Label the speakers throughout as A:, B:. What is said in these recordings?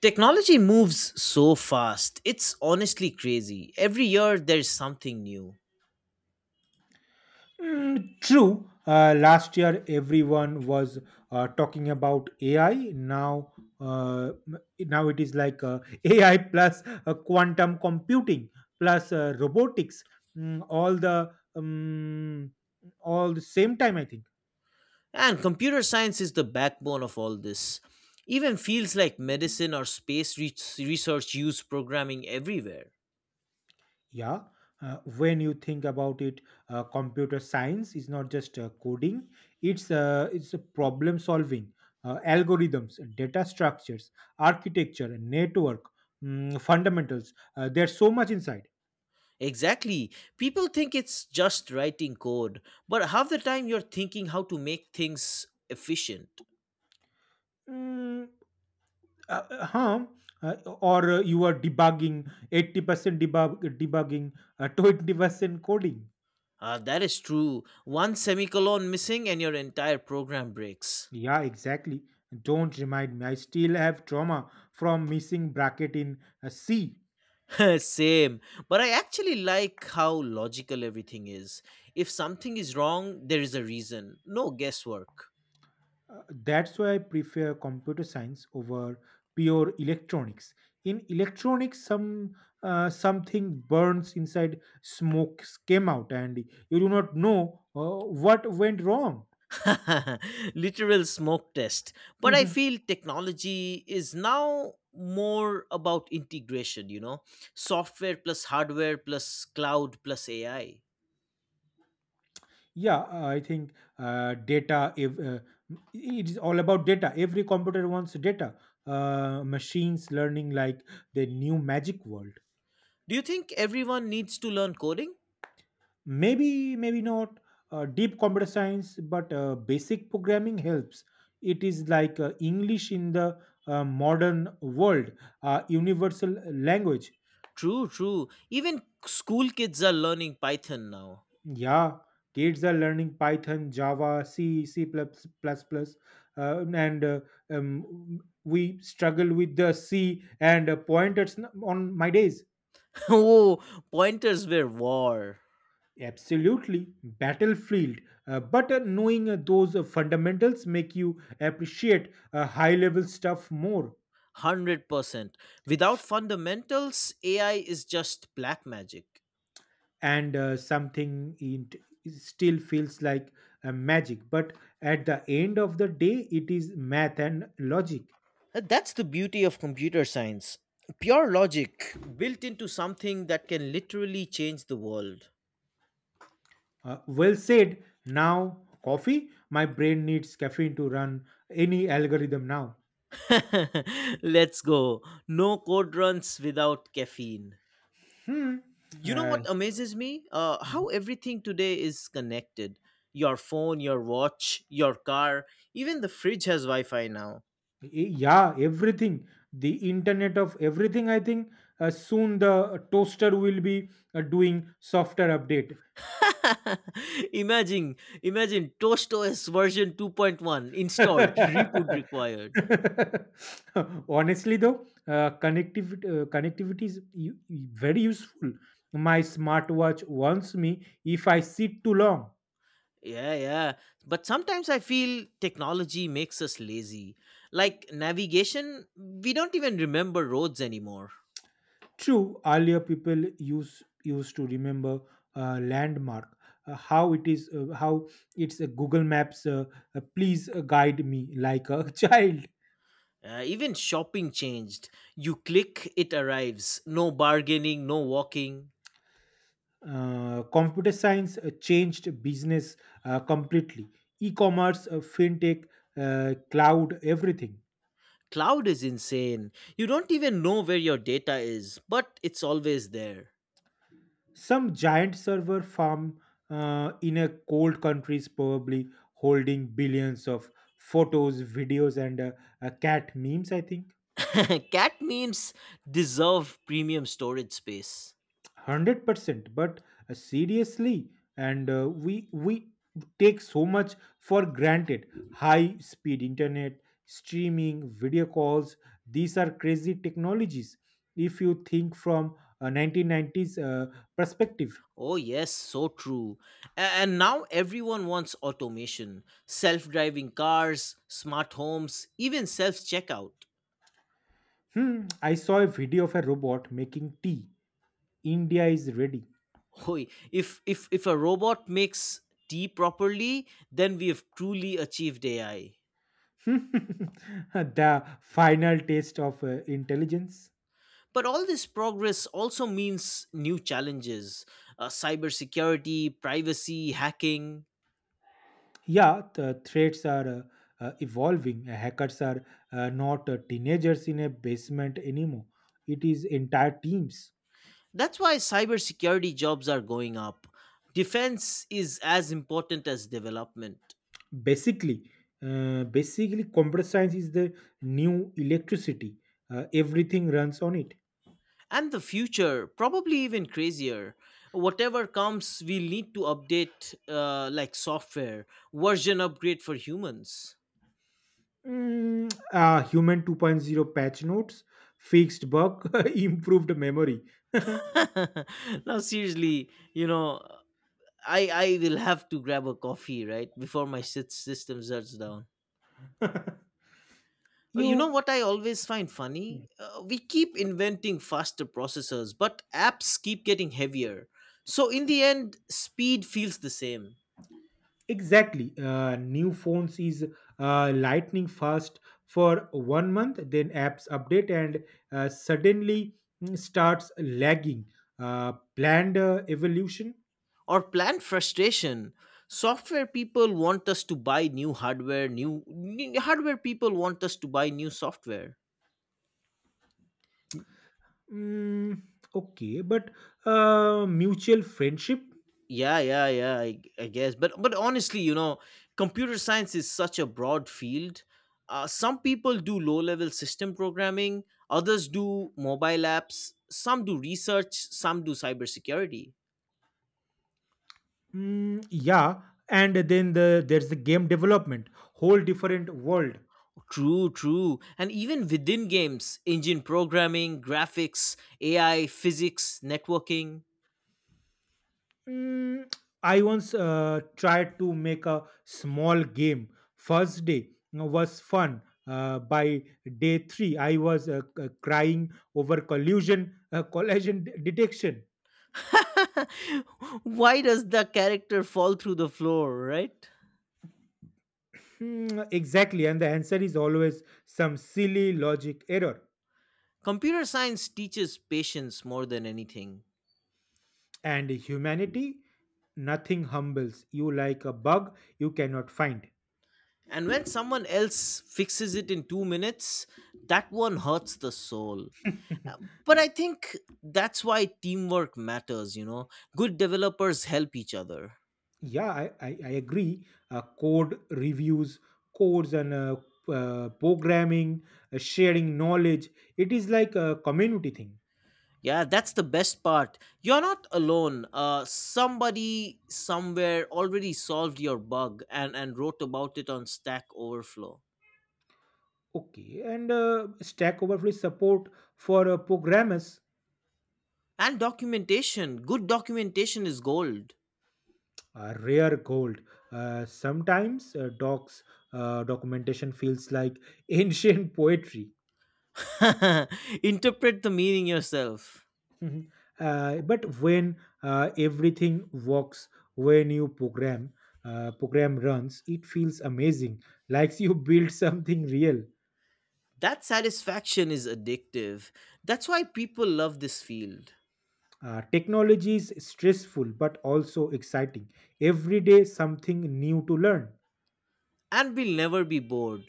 A: Technology moves so fast, it's honestly crazy. Every year there's something new.
B: True. Last year, everyone was talking about AI. Now it is like AI plus quantum computing plus robotics. Mm, all the um, all the same time, I think.
A: And computer science is the backbone of all this. Even fields like medicine or space research use programming everywhere.
B: Yeah, when you think about it, computer science is not just coding; it's a problem solving, algorithms, data structures, architecture, network, fundamentals. There's so much inside.
A: Exactly. People think it's just writing code, but half the time you're thinking how to make things efficient.
B: Mm. Huh? Uh, or you are debugging 80% debugging, 20% coding.
A: Ah, that is true. One semicolon missing and your entire program breaks.
B: Yeah, exactly. Don't remind me. I still have trauma from missing bracket in C.
A: Same. But I actually like how logical everything is. If something is wrong, there is a reason. No guesswork.
B: That's why I prefer computer science over pure electronics. In electronics, something burns inside, smoke came out, and you do not know what went wrong.
A: Literal smoke test. But I feel technology is now more about integration, you know? Software plus hardware plus cloud plus AI.
B: Yeah, I think data. If, It is all about data. Every computer wants data. Machines learning like the new magic world.
A: Do you think everyone needs to learn coding?
B: Maybe not deep computer science but basic programming helps. It is like English in the modern world, universal language.
A: True, true. Even school kids are learning Python now.
B: Yeah, kids are learning Python, Java, C, C++, plus plus plus, and we struggle with the C and pointers on my days.
A: Oh, pointers were war.
B: Absolutely, battlefield. But knowing those fundamentals make you appreciate high-level stuff more.
A: 100%. Without fundamentals, AI is just black magic.
B: And something it still feels like magic. But at the end of the day, it is math and logic.
A: And that's the beauty of computer science. Pure logic built into something that can literally change the world.
B: Well said. Now, coffee. My brain needs caffeine to run any algorithm now.
A: Let's go. No code runs without caffeine.
B: Hmm.
A: You know
B: Uh,
A: what amazes me? How everything today is connected. Your phone, your watch, your car, even the fridge has Wi Fi now.
B: yeah, everything. The internet of everything, I think. Soon the toaster will be doing software update.
A: Imagine, imagine ToastOS version 2.1 installed, reboot required.
B: Honestly though, connectivity is very useful. My smartwatch warns me if I sit too long.
A: Yeah, yeah. But sometimes I feel technology makes us lazy. Like navigation, we don't even remember roads anymore.
B: True, earlier people used to remember landmark, how it's a Google Maps. Please guide me like a child.
A: Even shopping changed. You click, it arrives. No bargaining, no walking.
B: Computer science changed business completely. E-commerce, fintech, cloud, everything.
A: Cloud is insane. You don't even know where your data is, but it's always there.
B: Some giant server farm in a cold country is probably holding billions of photos, videos, and cat memes. I think.
A: Cat memes deserve premium storage space.
B: 100% but seriously. And we take so much for granted: high speed internet, streaming, video calls, these are crazy technologies if you think from a 1990s perspective.
A: Oh, yes, so true. And now everyone wants automation, self driving cars, smart homes, even self checkout.
B: I saw a video of a robot making tea. India is ready.
A: Hoy, if a robot makes tea properly, then we have truly achieved AI.
B: The final taste of intelligence.
A: But all this progress also means new challenges, cybersecurity, privacy, hacking.
B: Yeah, the threats are evolving. Hackers are not teenagers in a basement anymore. It is entire teams.
A: That's why cybersecurity jobs are going up. Defense is as important as development.
B: Basically, basically, computer science is the new electricity. Everything runs on it.
A: And the future, probably even crazier. Whatever comes, we'll need to update like software, version upgrade for humans.
B: Human 2.0 patch notes, fixed bug, improved memory.
A: Now, seriously, you know, I will have to grab a coffee, right? Before my system shuts down. You know
B: you.
A: what I always find funny? We keep inventing faster processors, but apps keep getting heavier. So in the end, speed feels the same.
B: Exactly. New phones is lightning fast for one month, then apps update and suddenly starts lagging. Planned evolution.
A: Or planned frustration. Software people want us to buy new hardware, new hardware people want us to buy new software.
B: Mm, okay, but mutual friendship.
A: Yeah, yeah, yeah, I guess, but honestly, you know computer science is such a broad field. Some people do low level system programming, others do mobile apps, some do research, some do cybersecurity.
B: Yeah, and then there's the game development, whole different world.
A: True, true. And even within games engine programming, graphics, AI, physics, networking.
B: Mm, I once tried to make a small game. First day you was fun. By day three, I was crying over collision detection.
A: Why does the character fall through the floor, right?
B: Exactly, and the answer is always some silly logic error.
A: Computer science teaches patience more than anything.
B: And humanity, nothing humbles you like a bug you cannot find.
A: And when someone else fixes it in 2 minutes, that one hurts the soul. Uh, But I think that's why teamwork matters, you know. Good developers help each other.
B: Yeah, I agree. Code reviews, codes and programming, sharing knowledge. It is like a community thing.
A: Yeah, that's the best part. You're not alone. Somebody somewhere already solved your bug and wrote about it on Stack Overflow.
B: Okay, and Stack Overflow support for programmers.
A: And documentation. Good documentation is gold.
B: Rare gold. Sometimes docs, documentation feels like ancient poetry.
A: Interpret the meaning yourself.
B: Mhm. But when everything works, when you program, program runs, it feels amazing, like you build something real.
A: That satisfaction is addictive. That's why people love this field.
B: Technology is stressful but also exciting. Every day, something new to learn.
A: And we'll never be bored.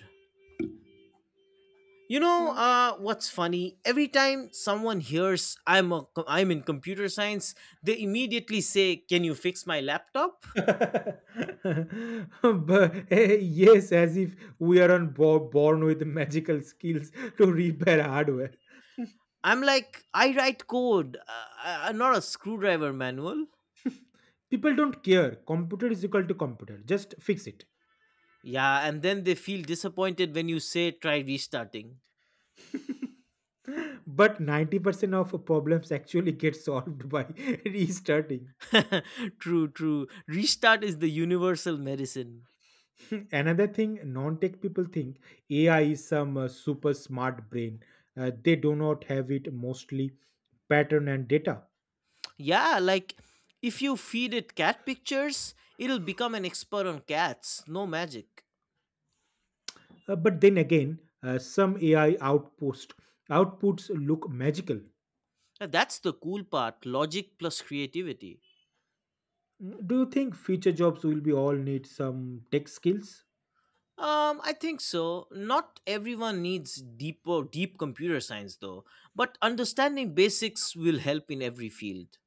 A: You know what's funny? Every time someone hears I'm in computer science, they immediately say, Can you fix my laptop?
B: But yes, as if we are born with magical skills to repair hardware.
A: I'm like, I write code, not a screwdriver manual.
B: People don't care. Computer is equal to computer. Just fix it.
A: Yeah, and then they feel disappointed when you say try restarting.
B: But 90% of problems actually get solved by restarting.
A: True, true. Restart is the universal medicine.
B: Another thing non-tech people think: AI is some super smart brain. They do not have it mostly pattern and data.
A: Yeah, like if you feed it cat pictures, it'll become an expert on cats, no magic.
B: But then again, some AI outpost outputs look magical.
A: That's the cool part, logic plus creativity.
B: Do you think future jobs will be all need some tech skills?
A: I think so. Not everyone needs deep or deep computer science though, but understanding basics will help in every field.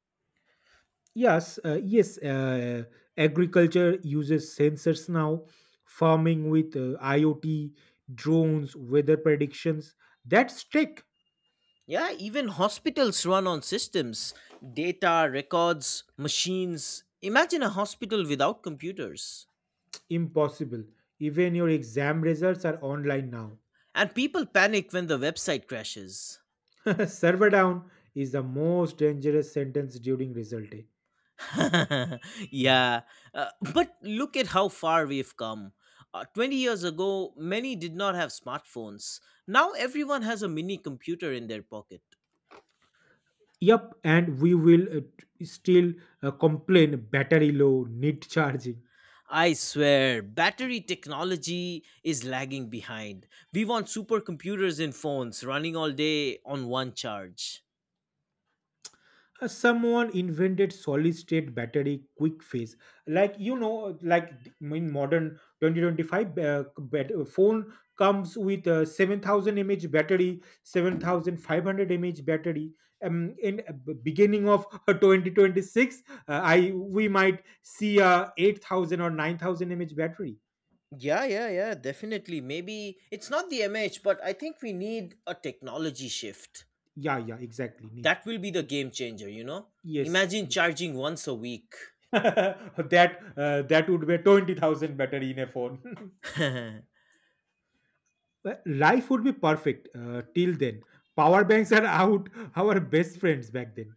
B: Yes. Agriculture uses sensors now, farming with IoT, drones, weather predictions. That's tech.
A: Yeah, even hospitals run on systems, data, records, machines. Imagine a hospital without computers.
B: Impossible. Even your exam results are online now.
A: And people panic when the website crashes.
B: Server down is the most dangerous sentence during result day. Mm.
A: Yeah, but look at how far we've come. 20 years ago, many did not have smartphones. Now everyone has a mini computer in their pocket.
B: Yup, and we will still complain battery low, need charging.
A: I swear, battery technology is lagging behind. We want supercomputers in phones running all day on one charge.
B: Someone invented solid state battery quick phase, like like in modern 2025, phone comes with a 7,000 mAh battery, 7,500 mAh battery, in beginning of 2026, I we might see a 8,000 or 9,000 mAh battery.
A: Yeah, yeah, yeah, definitely. Maybe it's not the MH, but I think we need a technology shift.
B: Yeah, yeah, exactly, need.
A: That will be the game changer, you know?
B: Yes.
A: Imagine charging once a week.
B: that that would be 20,000 battery in a phone. Life would be perfect till then. Power banks are out, our best friends back then.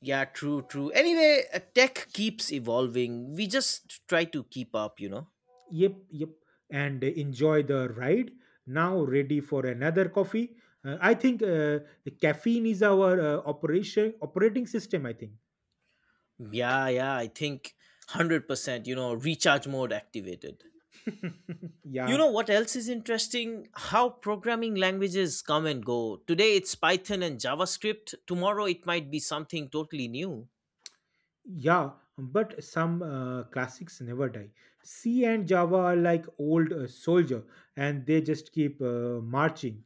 A: Yeah, true, true. Anyway, tech keeps evolving. We just try to keep up, you know.
B: Yep, yep. And enjoy the ride. Now, ready for another coffee. I think caffeine is our operation operating system. I think.
A: Yeah, yeah, I think 100%, you know, recharge mode activated. You
B: Yeah,
A: know what else is interesting? How programming languages come and go. Today it's Python and JavaScript. Tomorrow it might be something totally new.
B: yeah. But some classics never die. C and Java are like old soldier, and they just keep marching.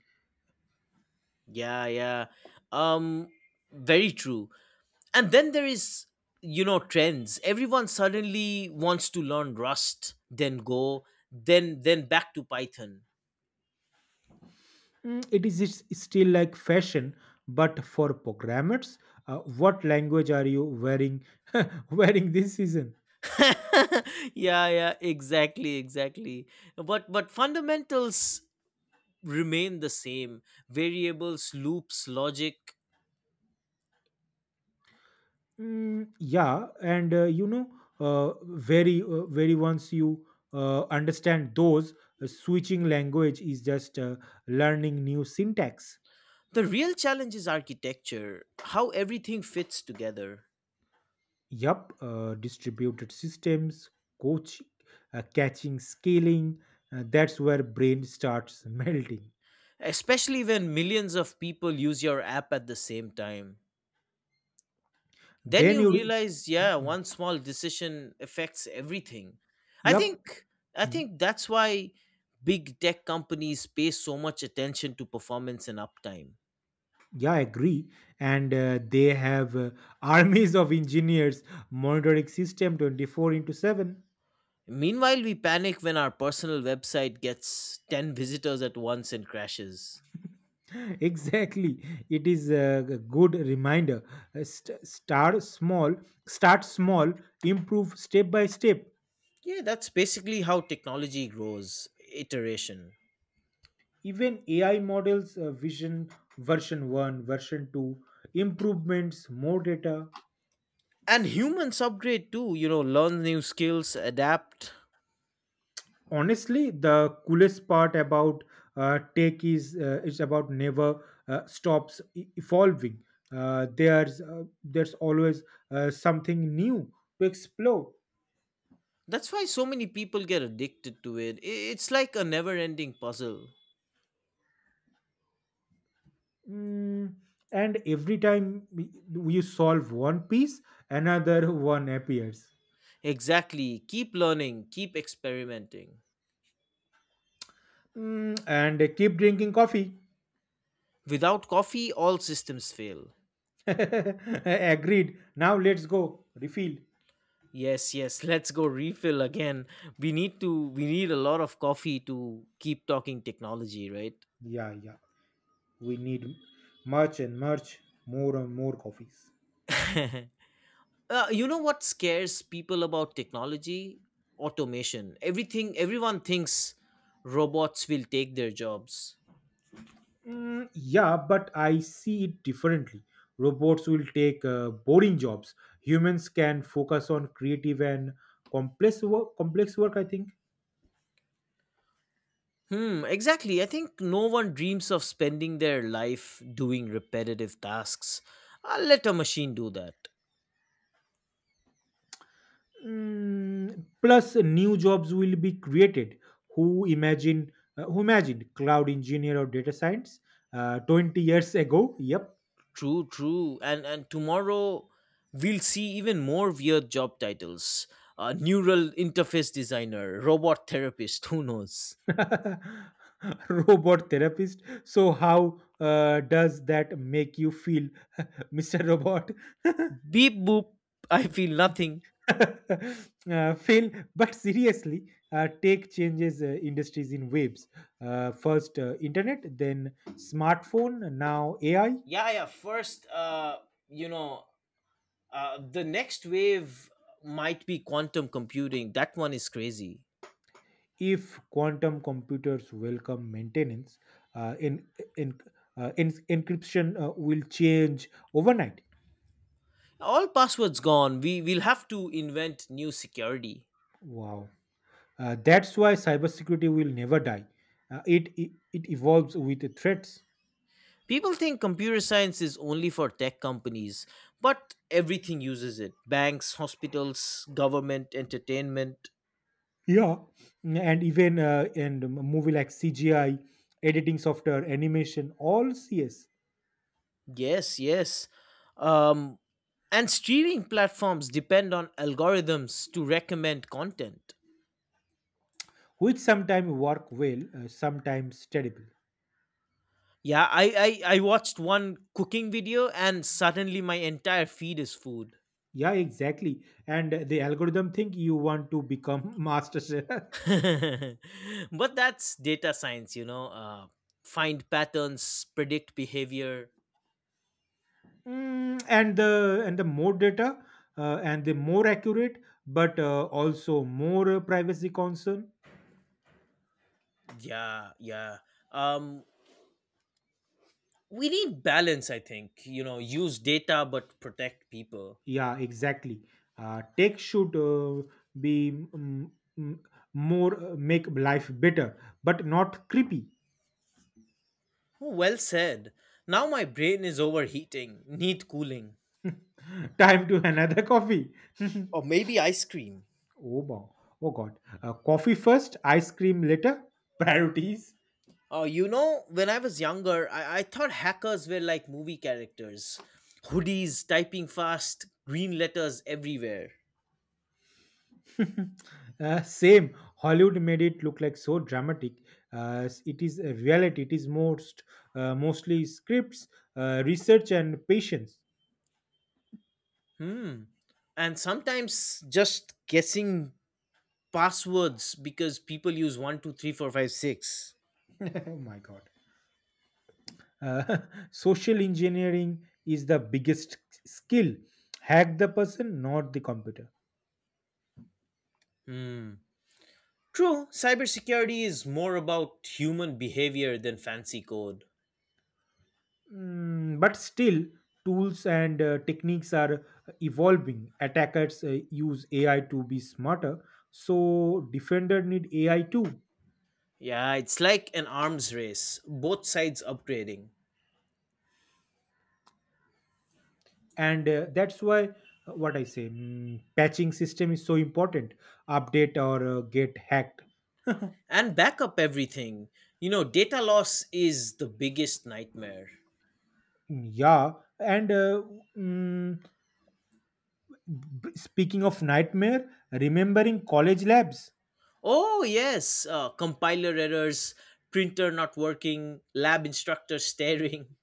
A: Yeah, yeah. Um Very true. And then there is you know trends. Everyone suddenly wants to learn Rust, then Go, then back to Python.
B: It is still like fashion but for programmers, what language are you wearing wearing this season?
A: Yeah, yeah, exactly, exactly, but fundamentals remain the same, variables, loops, logic.
B: Yeah, and uh, very once you understand those, switching language is just learning new syntax.
A: The real challenge is architecture, how everything fits together,
B: Yup, distributed systems coach, catching scaling, that's where brain starts melting.
A: especially when millions of people use your app at the same time. Then
B: Then
A: you
B: you re-
A: realize,
B: Mm,
A: yeah,
B: mm.
A: one small decision affects everything. i
B: Yup.
A: think i
B: Mm-hmm.
A: think that's why big tech companies pay so much attention to performance and uptime.
B: Yeah, I agree. And they have armies of engineers monitoring system 24 into 7.
A: Meanwhile, we panic when our personal website gets 10 visitors at once and crashes.
B: Exactly. It is a good reminder. Start small, start small, improve step by step.
A: Yeah, that's basically how technology grows, iteration.
B: Even AI models, vision version 1, version 2, improvements, more data.
A: And humans upgrade too, you know learn new skills, adapt.
B: Honestly, the coolest part about tech is it's about never stops evolving. There's always something new to explore.
A: That's why so many people get addicted to it. It's like a never ending puzzle.
B: Mm, and every time we- you solve one piece, another one appears.
A: Exactly. Keep learning, keep experimenting.
B: And keep drinking coffee.
A: Without coffee, all systems fail.
B: Agreed. Now let's go refill.
A: Yes, yes, let's go refill again. We need a lot of coffee to keep talking technology, right?
B: Yeah, yeah, we need much and much, more and more coffees.
A: You know what scares people about technology? Automation. Everything Everyone thinks robots will take their jobs.
B: Yeah, but I see it differently. Robots will take boring jobs. Humans can focus on creative and complex work. Complex work, I think.
A: Hmm, exactly. I think no one dreams of spending their life doing repetitive tasks. I'll let a machine do that.
B: Plus, new jobs will be created. Who imagine? Who imagined cloud engineer or data science 20 years ago? Yep.
A: True, true. And tomorrow we'll see even more weird job titles. Neural interface designer, robot therapist, who knows?
B: Robot therapist. So, how does that make you feel, Mr. Robot?
A: Beep boop, I feel nothing.
B: Fail. But seriously, tech changes industries in waves. First internet, then smartphone, now AI.
A: Yeah, yeah. First, you know, the next wave might be quantum computing. That one is crazy.
B: If quantum computers welcome maintenance, uh, in, in encryption will change overnight.
A: All passwords gone. We will have to invent new security.
B: Wow. That's why cybersecurity will never die. Uh, it, it it evolves with threats.
A: People think computer science is only for tech companies, but everything uses it, banks, hospitals, government, entertainment.
B: Yeah, and even and a movie like CGI, editing software, animation, all CS,
A: Yes, yes. Um, and streaming platforms depend on algorithms to recommend content.
B: which sometimes work well, sometimes terrible.
A: Yeah, I watched one cooking video and suddenly my entire feed is food.
B: Yeah, exactly. And the algorithm think you want to become master chef.
A: But that's data science. You know. Find patterns, predict behavior.
B: And the more data, and the more accurate, but also more privacy concern.
A: Yeah, yeah. Um, we need balance, I think, you know use data but protect people.
B: Yeah, exactly. Tech should be mm, more, make life better, but not creepy.
A: Oh, well said. Now my brain is overheating. Need cooling.
B: Time to another coffee.
A: Or maybe ice cream.
B: Oh, wow. Oh God. Coffee first, ice cream later. Priorities.
A: Oh, you know when I was younger, I thought hackers were like movie characters, hoodies typing fast, green letters everywhere.
B: Same. Hollywood made it look like so dramatic. It is a reality. It is mostly scripts, research, and patience.
A: Hmm, and sometimes just guessing passwords because people use 123456.
B: Oh my God. uh, social engineering is the biggest skill. Hack the person, not the computer.
A: Hmm. True, cybersecurity is more about human behavior than fancy code.
B: Mm, but still tools and techniques are evolving. Attackers use AI to be smarter, so defender need AI too.
A: Yeah, it's like an arms race, both sides upgrading.
B: And that's why what I say, patching system is so important. Update or get hacked.
A: And backup everything. You know, data loss is the biggest nightmare.
B: Mm, yeah. And mm, speaking of nightmare, remembering college labs.
A: Oh, yes, compiler errors, printer not working, lab instructor staring.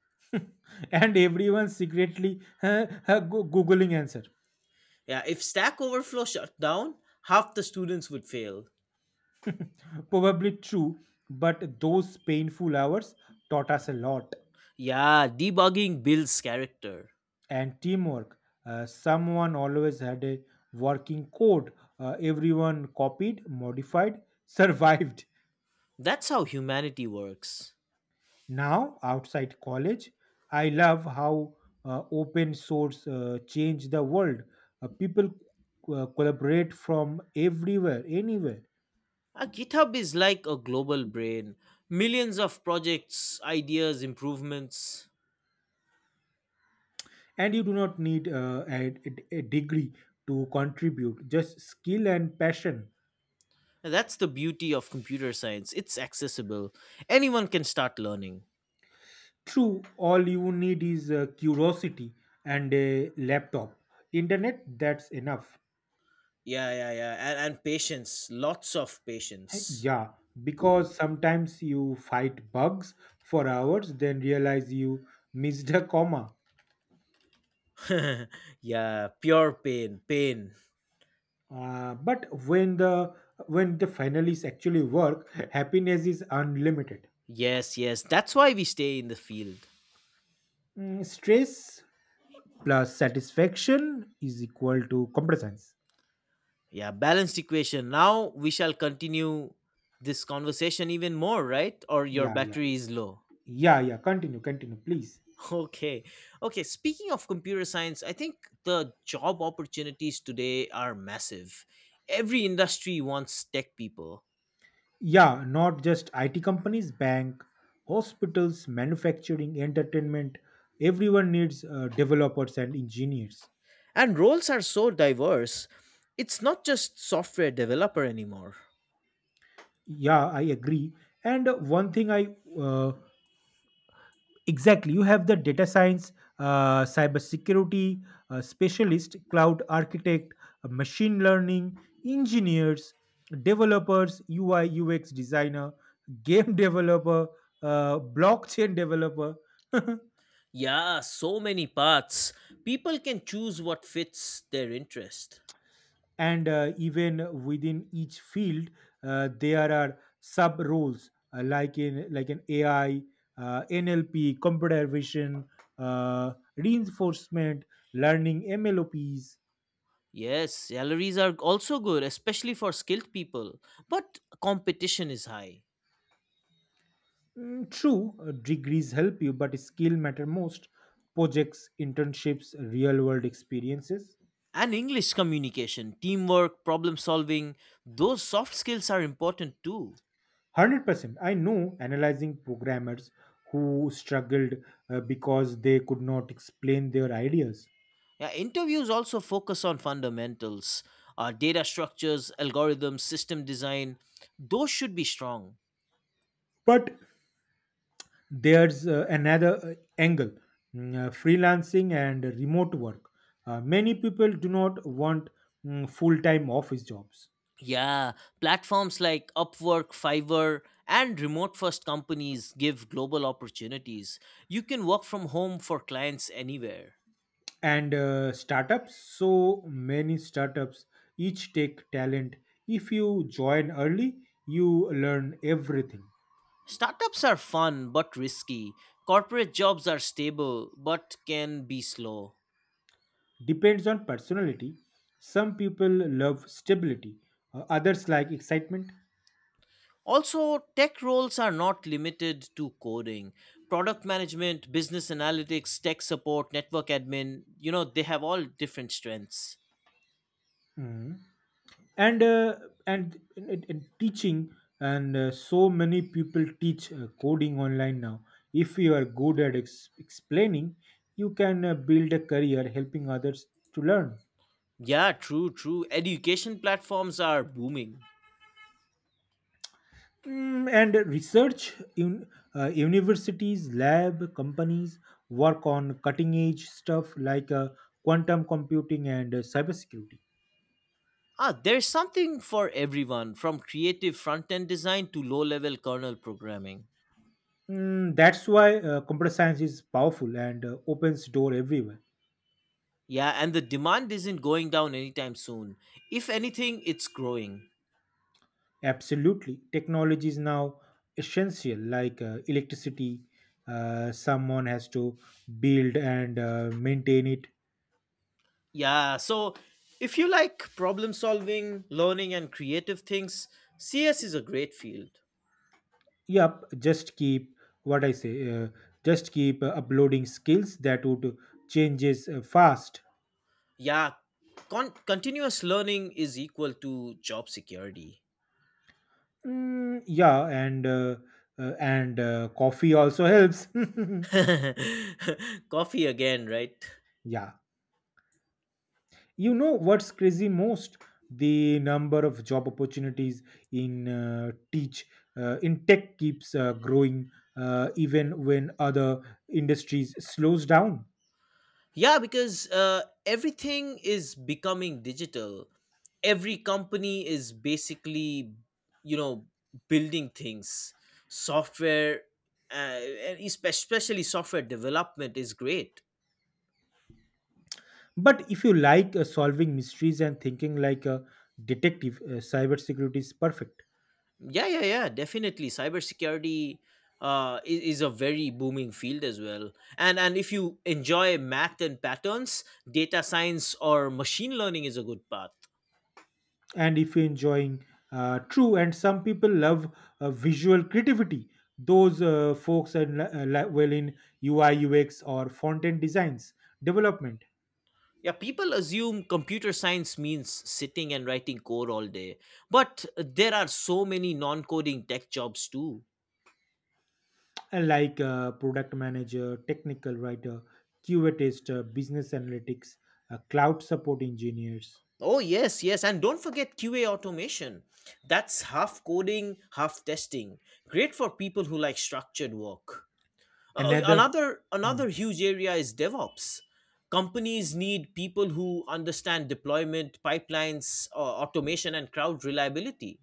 B: And everyone secretly googling answer.
A: Yeah, if Stack Overflow shut down, half the students would fail.
B: Probably true, but those painful hours taught us a lot.
A: Yeah, debugging builds character.
B: And teamwork. Someone always had a working code. Everyone copied, modified, survived.
A: That's how humanity works.
B: Now, outside college, I love how open source changed the world. People collaborate from everywhere, anywhere.
A: GitHub is like a global brain. Millions of projects, ideas, improvements.
B: And you do not need a degree to contribute. Just skill and passion.
A: And that's the beauty of computer science. It's accessible. Anyone can start learning.
B: True, all you need is curiosity and a laptop, internet. That's enough.
A: Yeah, yeah, yeah. And patience, lots of
B: Hey,
A: patience.
B: yeah, because sometimes you fight bugs for hours then realize you missed a comma.
A: Yeah, pure pain, pain.
B: But when the finalists actually work, happiness is unlimited.
A: Yes, yes. That's why we stay in the field.
B: Mm, stress plus satisfaction is equal to competence.
A: Yeah, balanced equation. Now we shall continue this conversation even more, right? Or your
B: Yeah, yeah.
A: battery is low.
B: Yeah, yeah. Continue, continue, please.
A: Okay. Okay. Speaking of computer science, I think the job opportunities today are massive. Every industry wants tech people,
B: Yeah, not just IT companies, bank, hospitals, manufacturing, entertainment. Everyone needs developers and engineers.
A: and roles are so diverse. It's not just software developer anymore.
B: Yeah, I agree. And one thing I, exactly. You have the data science, cybersecurity specialist, cloud architect, machine learning, engineers, developers, UI, UX designer, game developer, blockchain developer.
A: Yeah, so many paths. People can choose what fits their interest.
B: And even within each field, there are sub roles like in like an AI, NLP, computer vision, reinforcement learning, MLOPs.
A: Yes, salaries are also good, especially for skilled people, but competition is high.
B: True, degrees help you, but skill matter most. Projects, internships, real world experiences.
A: And English communication, teamwork, problem solving, those soft skills are important too.
B: 100%. I know analyzing programmers who struggled because they could not explain their ideas.
A: Yeah, interviews also focus on fundamentals, data structures, algorithms, system design. Those should be strong.
B: But there's another angle, freelancing and remote work. Many people do not want full time office jobs.
A: Yeah, platforms like Upwork, Fiverr, and remote first companies give global opportunities. You can work from home for clients anywhere.
B: And startups, so many startups, each take talent. If you join early, you learn everything.
A: Startups are fun but risky. Corporate jobs are stable but can be slow.
B: Depends on personality. Some people love stability, others like excitement.
A: Also, tech roles are not limited to coding. Product management, business analytics, tech support, network admin, you know, they have all different strengths.
B: Mhm. and uh, and teaching. And so many people teach coding online now. If you are good at explaining, you can build a career helping others to learn.
A: Yeah, true, true. Education platforms are booming.
B: Mm, and research in universities, lab, companies work on cutting edge stuff like quantum computing and cybersecurity.
A: Ah, there's something for everyone from creative front end design to low level kernel programming.
B: Mm, that's why computer science is powerful and opens door everywhere.
A: Yeah, and the demand isn't going down anytime soon. If anything, it's growing.
B: Absolutely, technology is now essential, like electricity. Someone has to build and maintain it.
A: Yeah, so if you like problem solving, learning, and creative things, CS is a great field.
B: Yup, just keep what I say. Just keep uploading skills that would changes fast.
A: Yeah, continuous learning is equal to job security.
B: Mm, yeah, and coffee also helps.
A: Coffee again, right?
B: Yeah, you know what's crazy. Most the number of job opportunities in uh, teach in tech keeps growing even when other industries slows down.
A: Yeah, because everything is becoming digital. Every company is basically you know, building things. Software, uh, and especially software development, is great.
B: But if you like solving mysteries and thinking like a detective, cybersecurity is perfect.
A: Yeah, yeah, yeah, definitely. Cybersecurity is a very booming field as well. And if you enjoy math and patterns, data science or machine learning is a good path.
B: And if you're enjoying true, and some people love visual creativity, those folks are well in UI, UX, or front end designs development,
A: Yeah, people assume computer science means sitting and writing code all day, but there are so many non-coding tech jobs too.
B: and like product manager, technical writer, QA tester, business analytics, cloud support engineers.
A: Oh, yes, yes. And don't forget QA automation. That's half coding, half testing. Great for people who like structured work. Oh,
B: Another.
A: another
B: Hmm.
A: another huge area is DevOps. Companies need people who understand deployment, pipelines, automation, and crowd reliability.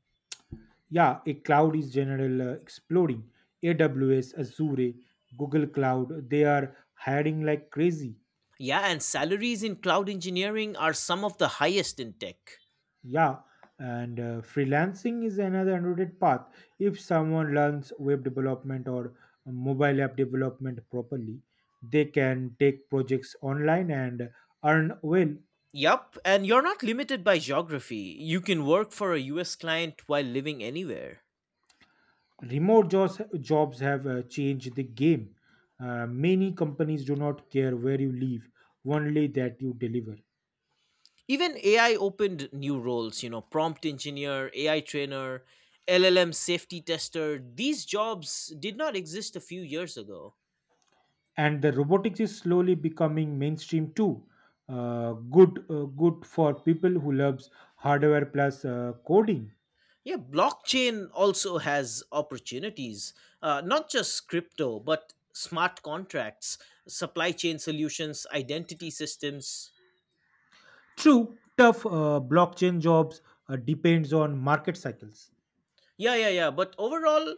B: Yeah, a cloud is general exploding. AWS, Azure, Google Cloud, they are hiring like crazy.
A: Yeah, and salaries in cloud engineering are some of the highest in tech.
B: Yeah, and freelancing is another underrated path. If someone learns web development or mobile app development properly, they can take projects online and earn well.
A: Yup, and you're not limited by geography. You can work for a US client while living anywhere.
B: Remote jobs have changed the game. Many companies do not care where you live, only that you deliver.
A: Even AI opened new roles, you know, prompt engineer, AI trainer, LLM safety tester. These jobs did not exist a few years ago.
B: And the robotics is slowly becoming mainstream too. Good for people who loves hardware plus coding.
A: Yeah, blockchain also has opportunities, not just crypto, but smart contracts, supply chain solutions, identity systems.
B: True, tough blockchain jobs depends on market cycles.
A: Yeah, yeah, yeah. But overall,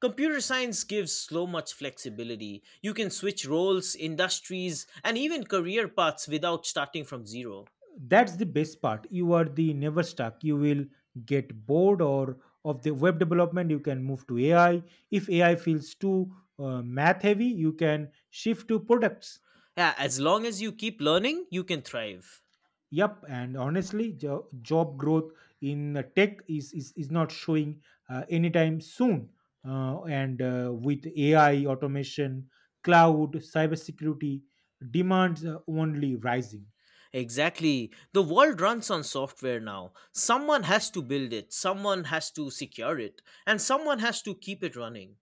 A: computer science gives so much flexibility. You can switch roles, industries, and even career paths without starting from zero.
B: That's the best part. You are the never stuck. You will get bored or of the web development, you can move to AI. If AI feels too math heavy, you can shift to products.
A: Yeah, as long as you keep learning, you can thrive.
B: Yep, and honestly, job growth in tech is not showing anytime soon. And with AI, automation, cloud, cybersecurity, demands are only rising.
A: Exactly. The world runs on software now. Someone has to build it, someone has to secure it, and someone has to keep it running.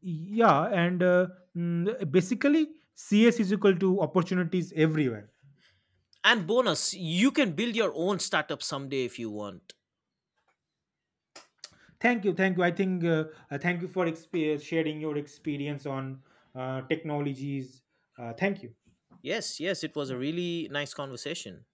B: Yeah, and basically, CS is equal to opportunities everywhere.
A: And bonus, you can build your own startup someday if you want.
B: Thank you, thank you. I think thank you for sharing your experience on technologies. Thank you.
A: Yes, yes, it was a really nice conversation.